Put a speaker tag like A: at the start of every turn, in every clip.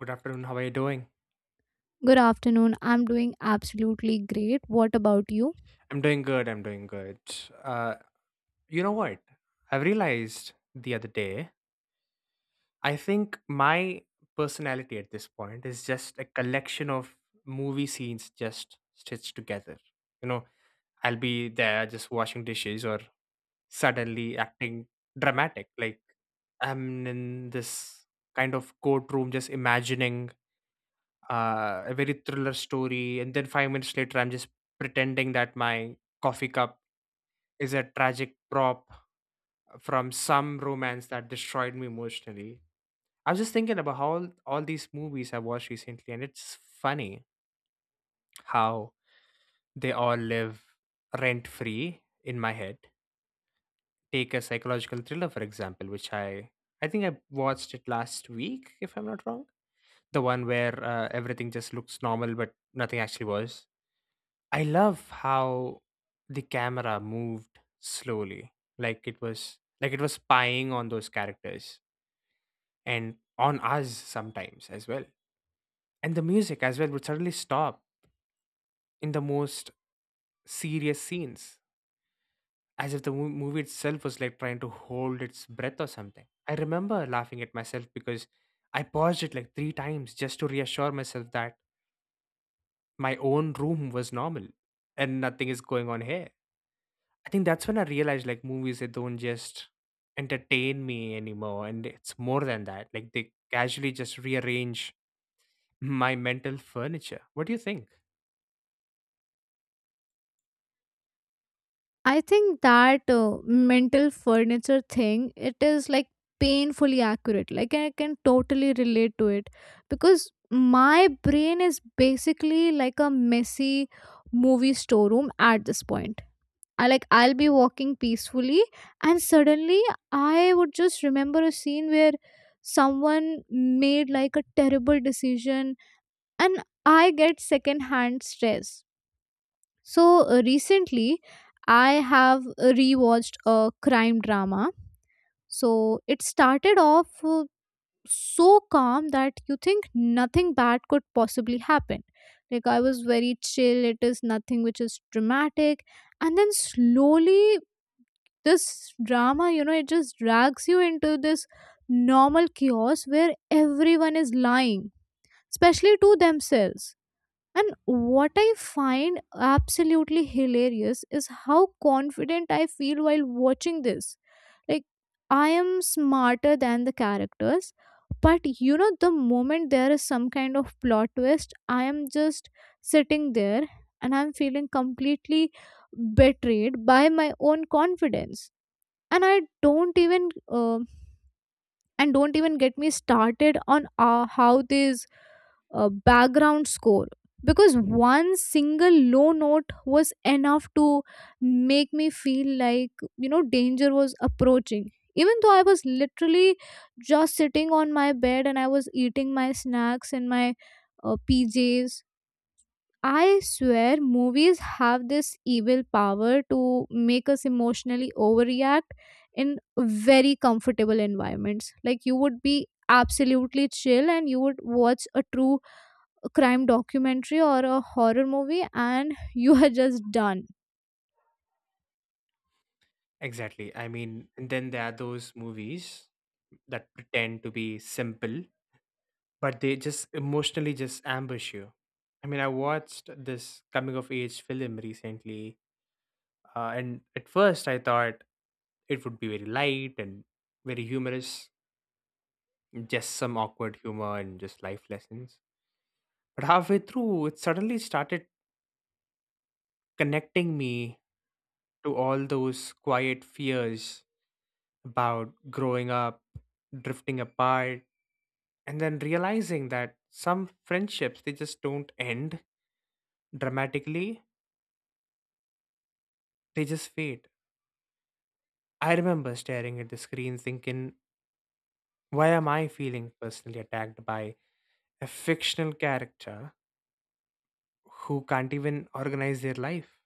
A: Good afternoon. How are you doing?
B: Good afternoon. I'm doing absolutely great. What about you?
A: I'm doing good. Uh, you know what? I realized the other day, I think my personality at this point is just a collection of movie scenes just stitched together. You know, I'll be there just washing dishes or suddenly acting dramatic. Like I'm in this kind of courtroom just imagining a very thriller story. And then 5 minutes later, I'm just pretending that my coffee cup is a tragic prop from some romance that destroyed me emotionally. I was just thinking about how all these movies I watched recently, and it's funny how they all live rent free in my head. Take a psychological thriller, for example, which I think I watched it last week, if I'm not wrong. The one where everything just looks normal, but nothing actually was. I love how the camera moved slowly, like it was spying on those characters and on us sometimes as well. And the music as well would suddenly stop in the most serious scenes, as if the movie itself was like trying to hold its breath or something. I remember laughing at myself because I paused it like three times just to reassure myself that my own room was normal and nothing is going on here. I think that's when I realized, like, movies, they don't just entertain me anymore. And it's more than that. Like, they casually just rearrange my mental furniture. What do you think?
B: I think that mental furniture thing, it is like painfully accurate. Like I can totally relate to it because my brain is basically like a messy movie storeroom at this point. I like I'll be walking peacefully and suddenly I would just remember a scene where someone made like a terrible decision and I get secondhand stress, so recently, I have rewatched a crime drama. So it started off so calm that you think nothing bad could possibly happen. Like I was very chill, it is nothing which is dramatic. And then slowly, this drama, you know, it just drags you into this normal chaos where everyone is lying, especially to themselves, and what I find absolutely hilarious is how confident I feel while watching this. Like, I am smarter than the characters, but you know, the moment there is some kind of plot twist, I am just sitting there and I'm feeling completely betrayed by my own confidence. And I don't even um and don't even get me started on how this background score, because one single low note was enough to make me feel like, you know, danger was approaching even though I was literally just sitting on my bed and I was eating my snacks and my pjs. I swear movies have this evil power to make us emotionally overreact in very comfortable environments. Like you would be absolutely chill and you would watch a true crime documentary or a horror movie and you are just done.
A: Exactly. I mean, and then there are those movies that pretend to be simple, but they just emotionally just ambush you. I mean, I watched this coming of age film recently, and at first I thought it would be very light and very humorous, just some awkward humor and just life lessons. But halfway through, it suddenly started connecting me to all those quiet fears about growing up, drifting apart, and then realizing that some friendships, they just don't end dramatically, they just fade. I remember staring at the screen thinking, why am I feeling personally attacked by a fictional character who can't even organize their life?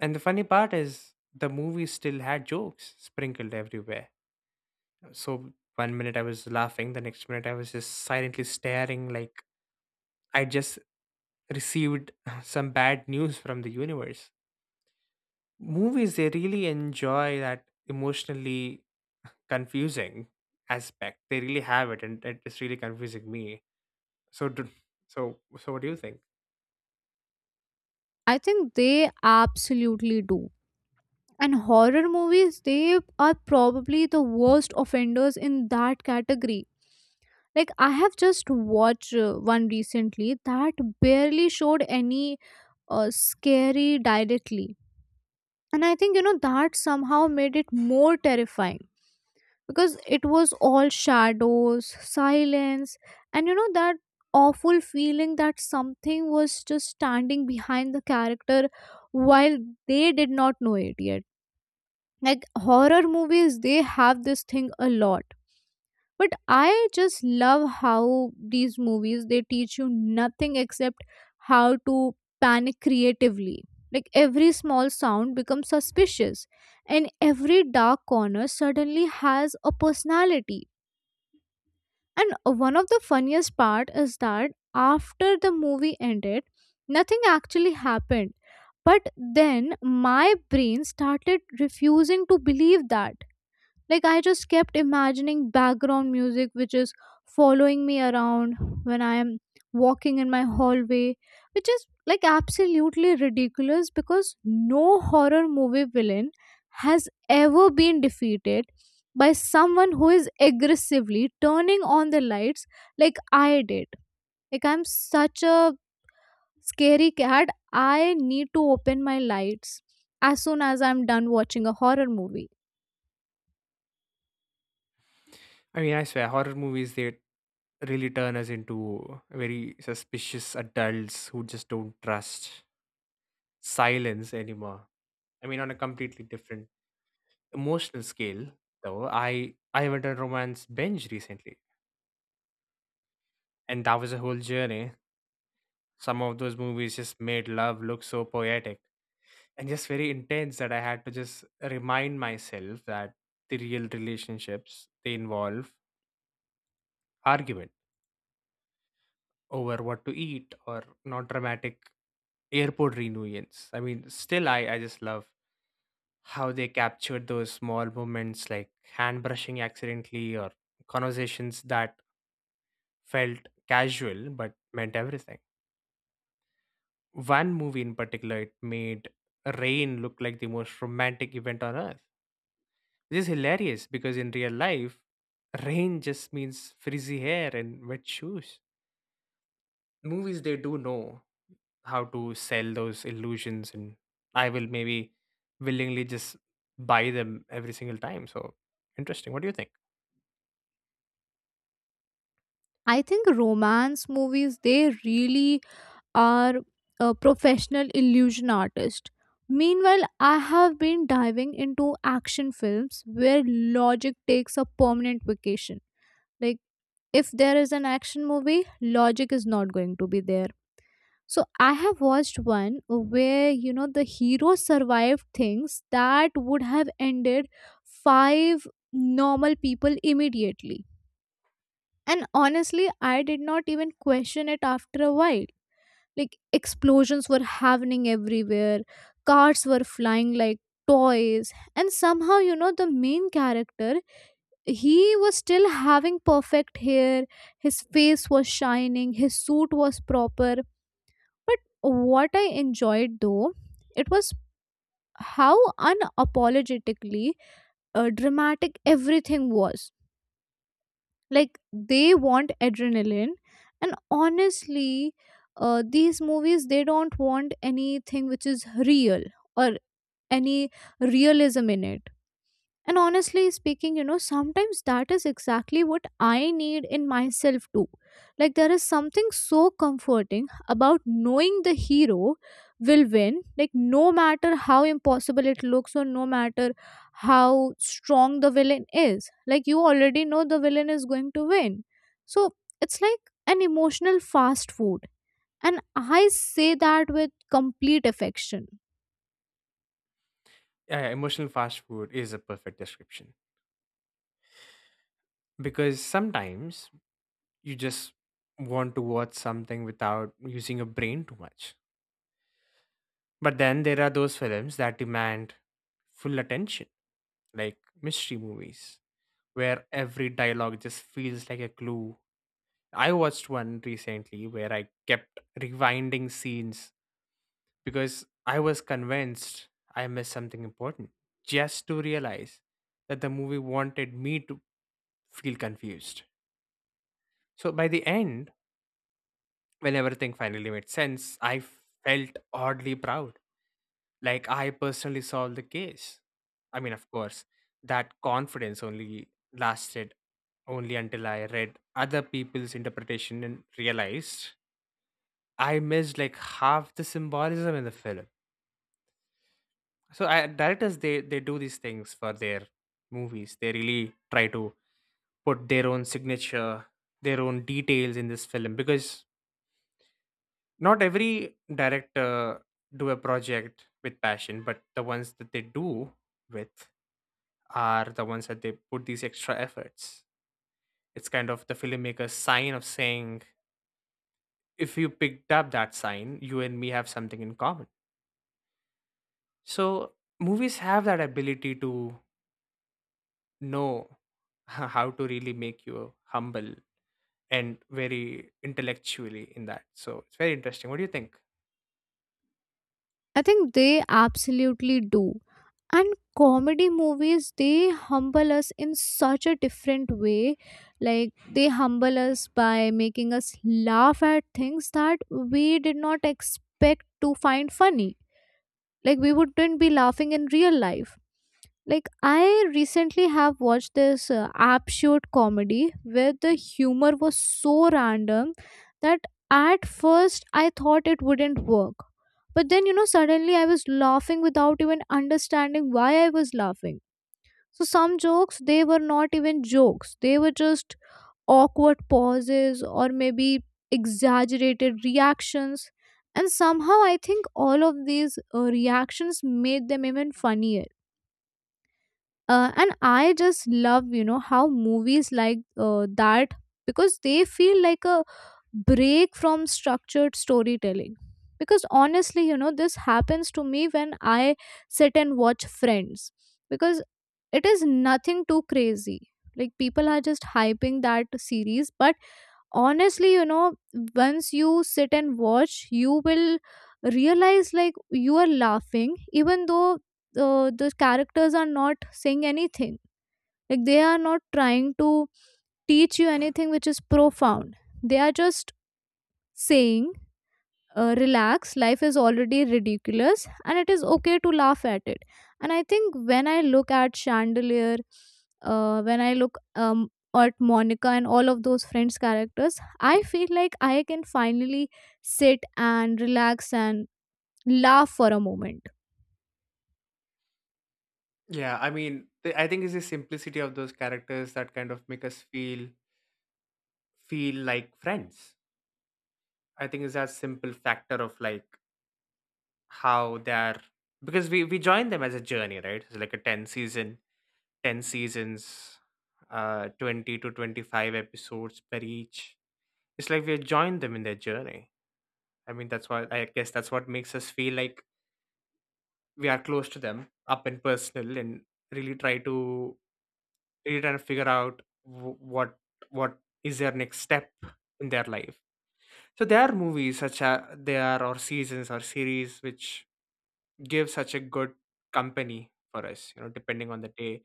A: And the funny part is, the movie still had jokes sprinkled everywhere. So 1 minute I was laughing, the next minute I was just silently staring, like I just received some bad news from the universe. Movies, they really enjoy that emotionally confusing aspect. They really have it, and it's really confusing me. So, do, so, what do you think?
B: I think they absolutely do. And horror movies, they are probably the worst offenders in that category. Like I have just watched one recently that barely showed any scary directly. And I think, you know, that somehow made it more terrifying because it was all shadows, silence, and you know that awful feeling that something was just standing behind the character while they did not know it yet. Like horror movies, they have this thing a lot, but I just love how these movies they teach you nothing except how to panic creatively. Like every small sound becomes suspicious and every dark corner suddenly has a personality. And one of the funniest part is that after the movie ended nothing actually happened, but then my brain started refusing to believe that. Like, I just kept imagining background music which is following me around when I am walking in my hallway, which is like absolutely ridiculous because no horror movie villain has ever been defeated by someone who is aggressively turning on the lights like I did. Like, I'm such a scary cat, I need to open my lights as soon as I'm done watching a horror movie.
A: I mean, I swear, horror movies, they really turn us into very suspicious adults who just don't trust silence anymore. I mean, on a completely different emotional scale, though, I went on romance binge recently, and that was a whole journey. Some of those movies just made love look so poetic and just very intense that I had to just remind myself that the real relationships, they involve argument over what to eat or not dramatic airport reunions. I mean, still I just love how they captured those small moments, like hand brushing accidentally or conversations that felt casual but meant everything. One movie in particular, it made rain look like the most romantic event on earth. This is hilarious because in real life, rain just means frizzy hair and wet shoes. Movies, they do know how to sell those illusions, and I will maybe willingly just buy them every single time. So interesting. What do you think?
B: I think romance movies they really are a professional illusion artist. Meanwhile, I have been diving into action films where logic takes a permanent vacation. Like if there is an action movie, logic is not going to be there. So I have watched one where you know the hero survived things that would have ended five normal people immediately, and honestly, I did not even question it after a while. Like explosions were happening everywhere, cars were flying like toys, and somehow, you know, the main character, he was still having perfect hair, his face was shining, his suit was proper. But what I enjoyed though, it was how unapologetically dramatic everything was. Like they want adrenaline, and honestly these movies they don't want anything which is real or any realism in it. And honestly speaking, you know, sometimes that is exactly what I need in myself too. Like, there is something so comforting about knowing the hero will win, like, no matter how impossible it looks or no matter how strong the villain is. Like, you already know the villain is going to win. So, it's like an emotional fast food. And I say that with complete affection.
A: Emotional fast food is a perfect description because sometimes you just want to watch something without using your brain too much. But then there are those films that demand full attention, like mystery movies where every dialogue just feels like a clue. I watched one recently where I kept rewinding scenes because I was convinced I missed something important, just to realize that the movie wanted me to feel confused. So by the end, when everything finally made sense, I felt oddly proud. Like, I personally solved the case. I mean, of course, that confidence only lasted only until I read other people's interpretation and realized I missed like half the symbolism in the film. So I, directors, they do these things for their movies. They really try to put their own signature, their own details in this film because not every director do a project with passion, but the ones that they do with are the ones that they put these extra efforts. It's kind of the filmmaker's sign of saying, if you picked up that sign, you and me have something in common. So movies have that ability to know how to really make you humble and very intellectually in that. So it's very interesting. What do you think?
B: I think they absolutely do. And comedy movies, they humble us in such a different way. Like, they humble us by making us laugh at things that we did not expect to find funny. Like, we wouldn't be laughing in real life. Like I recently have watched this absurd comedy where the humor was so random that at first I thought it wouldn't work. But then, you know, suddenly I was laughing without even understanding why I was laughing. So some jokes, they were not even jokes. They were just awkward pauses or maybe exaggerated reactions. And somehow I think all of these reactions made them even funnier. And I just love, you know, how movies like that, because they feel like a break from structured storytelling, because honestly, you know, this happens to me when I sit and watch Friends, because it is nothing too crazy. Like people are just hyping that series, but honestly, you know, once you sit and watch you will realize like you are laughing even though the characters are not saying anything. Like they are not trying to teach you anything which is profound. They are just saying, relax, life is already ridiculous and it is okay to laugh at it. And I think when I look at Chandelier, when I look at Monica and all of those Friends characters, I feel like I can finally sit and relax and laugh for a moment.
A: Yeah, I mean, I think it's the simplicity of those characters that kind of make us feel like friends. I think it's that simple factor of like how they are because we join them as a journey, right? It's like a 10 seasons, uh, 20 to 25 episodes per each. It's like we join them in their journey. I mean, that's why I guess that's what makes us feel like we are close to them up and personal and really try to really trying to figure out what what is their next step in their life. So there are movies such as there are, or seasons or series, which give such a good company for us, you know, depending on the day,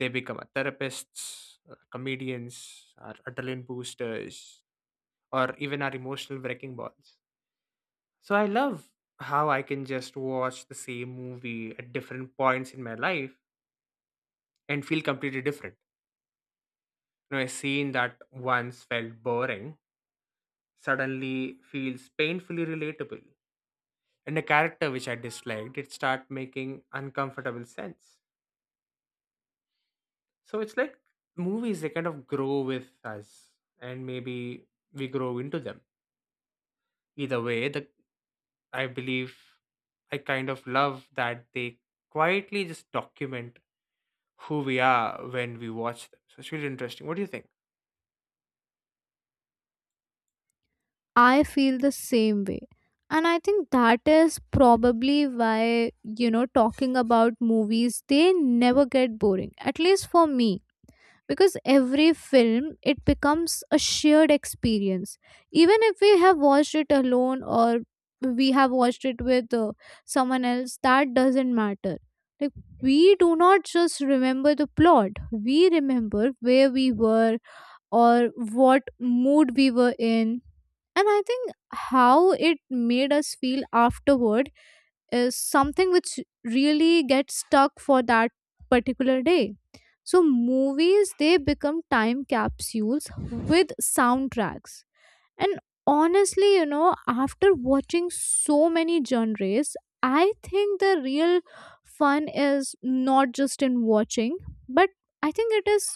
A: they become our therapists, comedians, our adrenaline boosters, or even our emotional wrecking balls. So I love how I can just watch the same movie at different points in my life and feel completely different. You know, a scene that once felt boring suddenly feels painfully relatable, and a character which I disliked it start making uncomfortable sense. So it's like movies, they kind of grow with us, and maybe we grow into them. Either way, the I believe I kind of love that they quietly just document who we are when we watch them. So it's really interesting. What do you think?
B: I feel the same way. And I think that is probably why, you know, talking about movies, they never get boring, at least for me. Because every film, it becomes a shared experience. Even if we have watched it alone or we have watched it with someone else, that doesn't matter. Like, we do not just remember the plot, we remember where we were or what mood we were in. And I think how it made us feel afterward is something which really gets stuck for that particular day. So movies they become time capsules with soundtracks. And honestly, you know, after watching so many genres, I think the real fun is not just in watching, but I think it is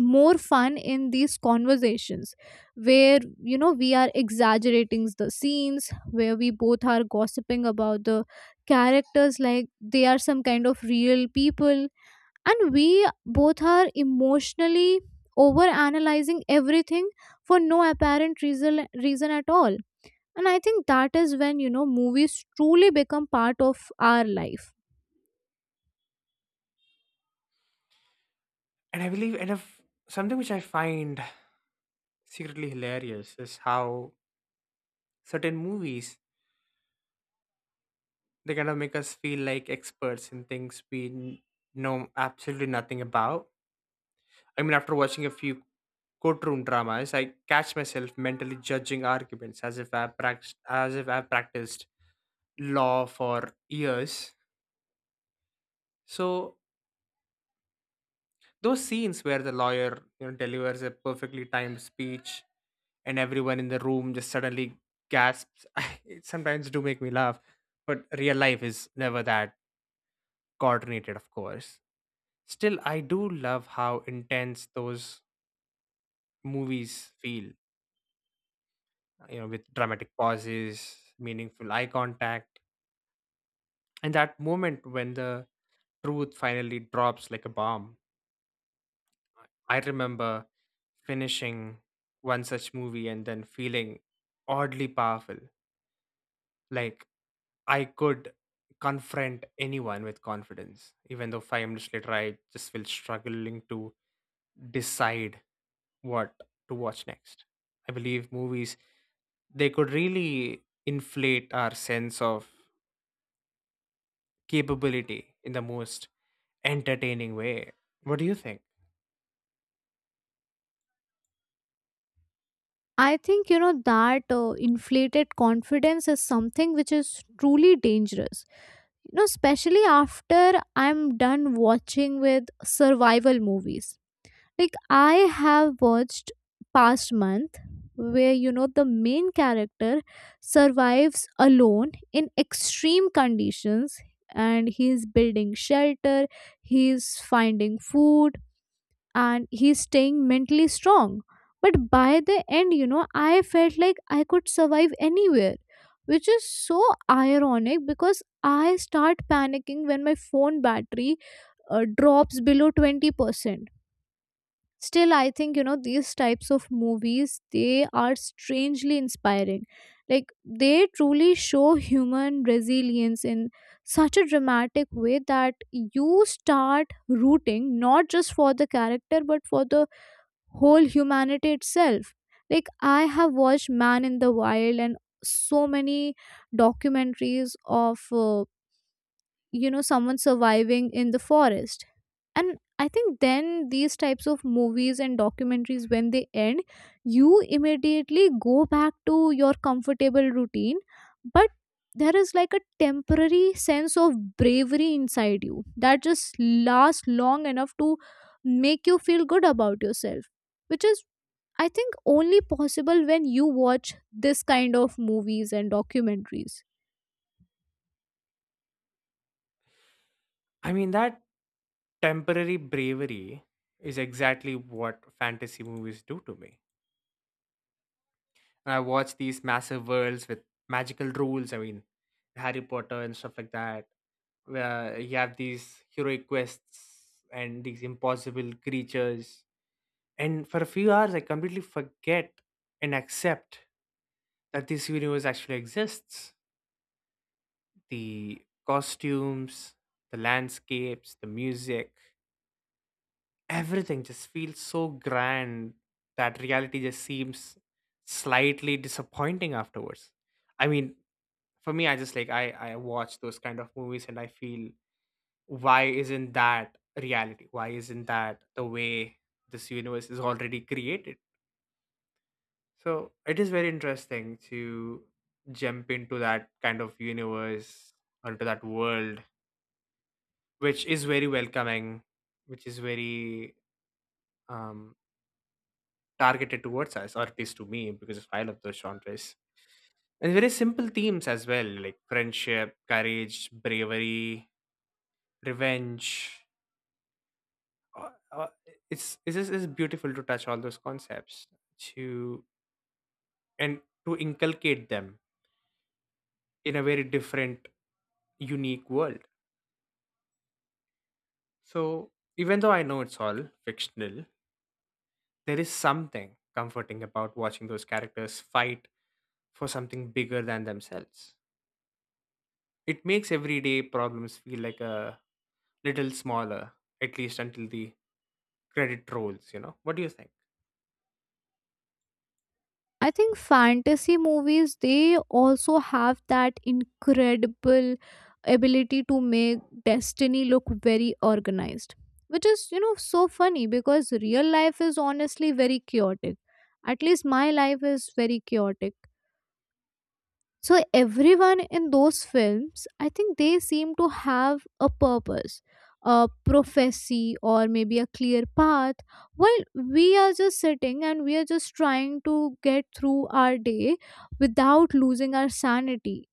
B: more fun in these conversations where, you know, we are exaggerating the scenes, where we both are gossiping about the characters like they are some kind of real people, and we both are emotionally over analyzing everything for no apparent reason at all. And I think that is when, you know, movies truly become part of our life.
A: And I believe, and if something which I find secretly hilarious is how certain movies, they kind of make us feel like experts in things we know absolutely nothing about. I mean, after watching a few courtroom dramas, I catch myself mentally judging arguments as if I practiced law for years. So those scenes where the lawyer, you know, delivers a perfectly timed speech and everyone in the room just suddenly gasps, it sometimes do make me laugh. But real life is never that coordinated, of course. Still, I do love how intense those movies feel. You know, with dramatic pauses, meaningful eye contact, and that moment when the truth finally drops like a bomb. I remember finishing one such movie and then feeling oddly powerful. Like I could confront anyone with confidence, even though 5 minutes later I just feel struggling to decide what to watch next. I believe movies, they could really inflate our sense of capability in the most entertaining way. What do you think?
B: I think you know that inflated confidence is something which is truly dangerous, you know, especially after I'm done watching with survival movies. Like I have watched past month where, you know, the main character survives alone in extreme conditions and he's building shelter, he's finding food, and he's staying mentally strong. But by the end, you know, I felt like I could survive anywhere, which is so ironic because I start panicking when my phone battery drops below 20%. Still, I think, you know, these types of movies, they are strangely inspiring. Like, they truly show human resilience in such a dramatic way that you start rooting not just for the character but for the whole humanity itself. Like I have watched Man in the Wild and so many documentaries of you know, someone surviving in the forest. And I think then these types of movies and documentaries when they end, you immediately go back to your comfortable routine, but there is like a temporary sense of bravery inside you that just lasts long enough to make you feel good about yourself, which is, I think, only possible when you watch this kind of movies and documentaries.
A: I mean, that temporary bravery is exactly what fantasy movies do to me. And I watch these massive worlds with magical rules. I mean, Harry Potter and stuff like that, where you have these heroic quests and these impossible creatures. And for a few hours, I completely forget and accept that this universe actually exists. The costumes, the landscapes, the music, everything just feels so grand that reality just seems slightly disappointing afterwards. I mean, for me, I just like I watch those kind of movies and I feel, why isn't that reality? Why isn't that the way this universe is already created? So it is very interesting to jump into that kind of universe, onto that world which is very welcoming, which is very, um, targeted towards us, or at least to me, because I love those genres. And very simple themes as well, like friendship, courage, bravery, revenge. Uh, uh, it's just it's beautiful to touch all those concepts to and to inculcate them in a very different, unique world. So even though I know it's all fictional, there is something comforting about watching those characters fight for something bigger than themselves. It makes everyday problems feel like a little smaller, at least until the credit rolls, you know? What do you think?
B: I think fantasy movies they also have that incredible ability to make destiny look very organized, which is, you know, so funny because real life is honestly very chaotic. At least my life is very chaotic. So everyone in those films, I think they seem to have a purpose, a prophecy, or maybe a clear path. While we are just sitting and we are just trying to get through our day without losing our sanity.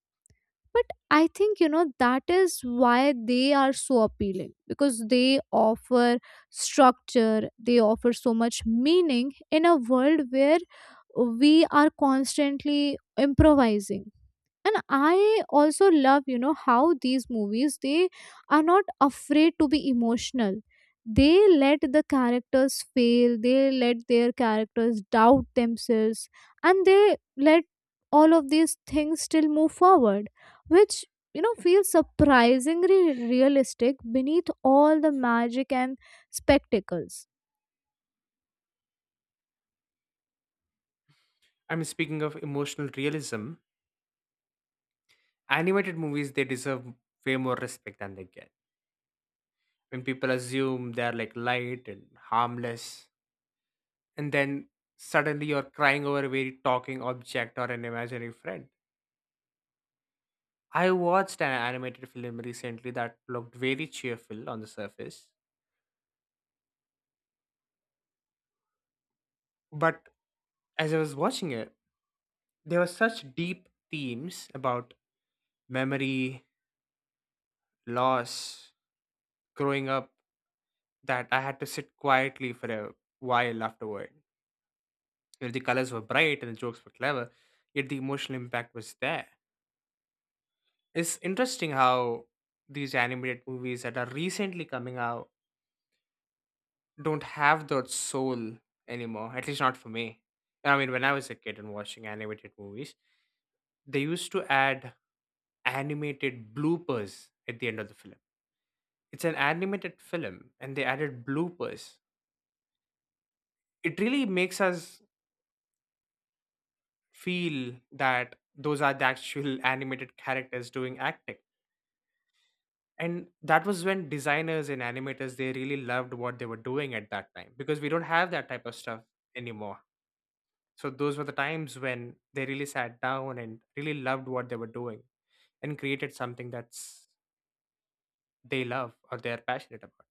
B: But I think, you know, that is why they are so appealing because they offer structure, they offer so much meaning in a world where we are constantly improvising. And I also love, you know, how these movies they are not afraid to be emotional. They let the characters fail, they let their characters doubt themselves, and they let all of these things still move forward, which, you know, feels surprisingly realistic beneath all the magic and spectacles.
A: I mean, speaking of emotional realism, animated movies, they deserve way more respect than they get. When people assume they're like light and harmless, and then suddenly you're crying over a very talking object or an imaginary friend. I watched an animated film recently that looked very cheerful on the surface, but as I was watching it, there were such deep themes about memory, loss, growing up, that I had to sit quietly for a while afterward. You know, the colors were bright and the jokes were clever, yet the emotional impact was there. It's interesting how these animated movies that are recently coming out don't have that soul anymore, at least not for me. I mean, when I was a kid and watching animated movies, they used to add animated bloopers at the end of the film. It's an animated film and they added bloopers. It really makes us feel that those are the actual animated characters doing acting. And that was when designers and animators, they really loved what they were doing at that time, because we don't have that type of stuff anymore. So those were the times when they really sat down and really loved what they were doing and created something that's they love or they're passionate about.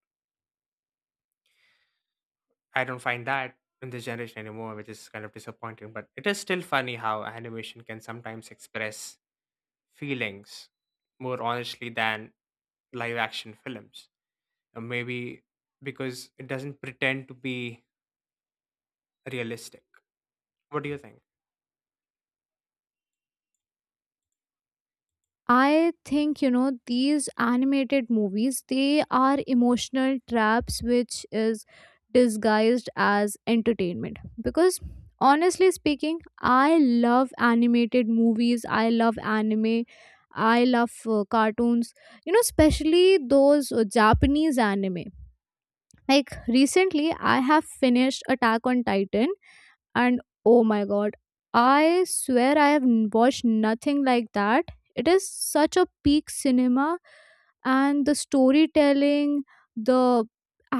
A: I don't find that in this generation anymore, which is kind of disappointing. But it is still funny how animation can sometimes express feelings more honestly than live action films. Maybe because it doesn't pretend to be realistic. What do you think?
B: I think you know these animated movies they are emotional traps which is disguised as entertainment, because honestly speaking I love animated movies, I love anime, I love cartoons, you know, especially those Japanese anime. Like recently I have finished Attack on Titan, and oh my god, I swear I have watched nothing like that. It is such a peak cinema. And the storytelling, the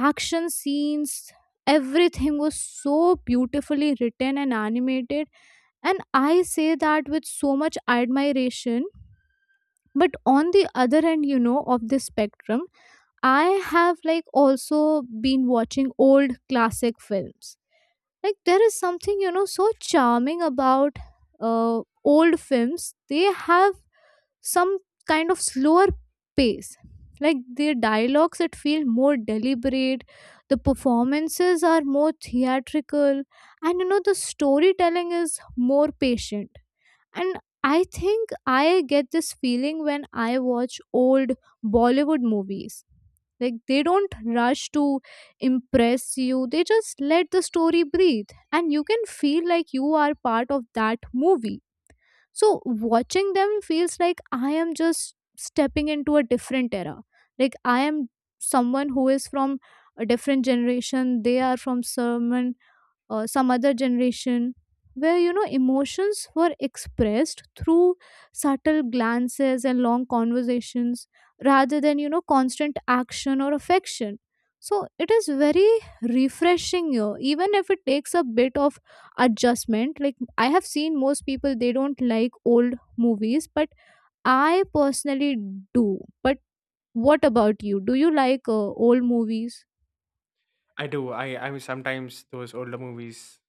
B: action scenes, everything was so beautifully written and animated, and I say that with so much admiration. But on the other end, you know, of this spectrum, I have like also been watching old classic films. Like there is something, you know, so charming about uh, old films. They have some kind of slower pace, like their dialogues that feel more deliberate, the performances are more theatrical, and, you know, the storytelling is more patient. And I think I get this feeling when I watch old Bollywood movies. Like they don't rush to impress you, they just let the story breathe, and you can feel like you are part of that movie. So watching them feels like I am just stepping into a different era. Like I am someone who is from a different generation, they are from someone some other generation where, you know, emotions were expressed through subtle glances and long conversations rather than, you know, constant action or affection. So it is very refreshing here, even if it takes a bit of adjustment. Like I have seen most people they don't like old movies, but I personally do. But what about you, do you like old movies?
A: I do. I mean, sometimes those older movies,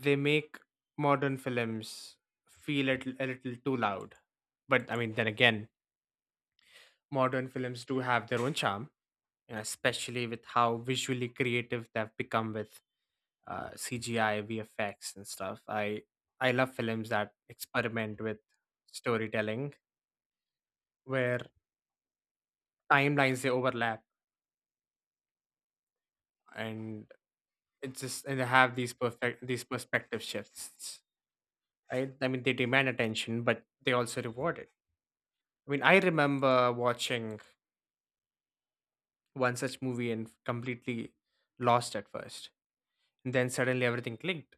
A: they make modern films feel a a little too loud. But I mean, then again, modern films do have their own charm, especially with how visually creative they've become with, CGI, VFX, and stuff. I love films that experiment with storytelling where timelines they overlap and it's just and they have these perspective shifts. Right? I mean, they demand attention, but they also reward it. I mean, I remember watching one such movie and completely lost at first, and then suddenly everything clicked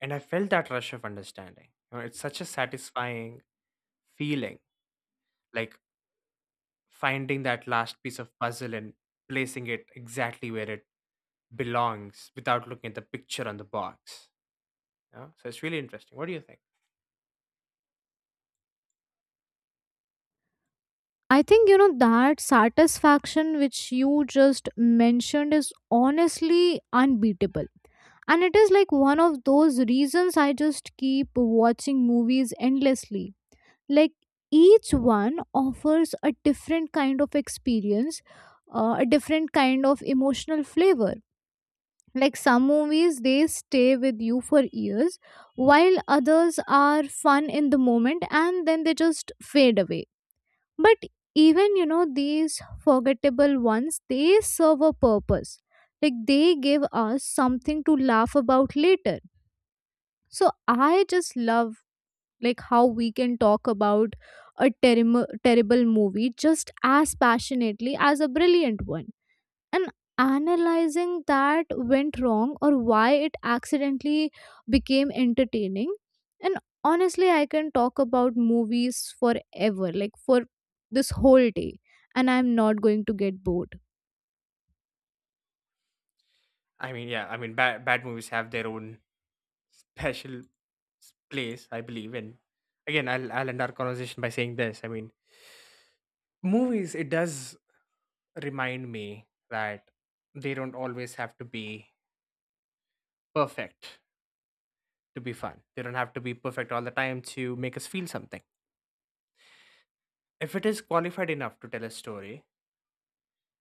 A: and I felt that rush of understanding. You know, it's such a satisfying feeling, like finding that last piece of puzzle and placing it exactly where it belongs without looking at the picture on the box. You know? So it's really interesting. What do you think?
B: I think you know that satisfaction which you just mentioned is honestly unbeatable. And it is like one of those reasons I just keep watching movies endlessly. Like each one offers a different kind of experience, a different kind of emotional flavor. Like some movies, they stay with you for years, while others are fun in the moment and then they just fade away. But even, you know, these forgettable ones, they serve a purpose. Like they give us something to laugh about later. So I just love like how we can talk about a terrible movie just as passionately as a brilliant one, and analyzing that went wrong or why it accidentally became entertaining. And honestly I can talk about movies forever, like for this whole day, and I'm not going to get bored.
A: I mean, yeah, I mean, bad movies have their own place, I believe. And again, I'll end our conversation by saying this. I mean, movies, it does remind me that they don't always have to be perfect to be fun. They don't have to be perfect all the time to make us feel something. If it is qualified enough to tell a story,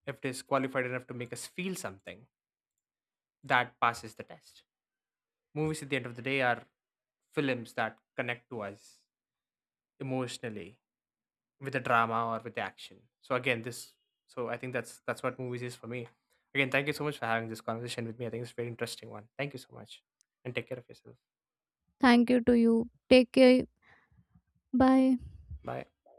A: if it is qualified enough to make us feel something, that passes the test. Movies at the end of the day are films that connect to us emotionally with the drama or with the action. So again, this so I think that's what movies is for me. Again, thank you so much for having this conversation with me. I think it's a very interesting one. Thank you so much. And take care of yourself.
B: Thank you to you. Take care. Bye.
A: Bye.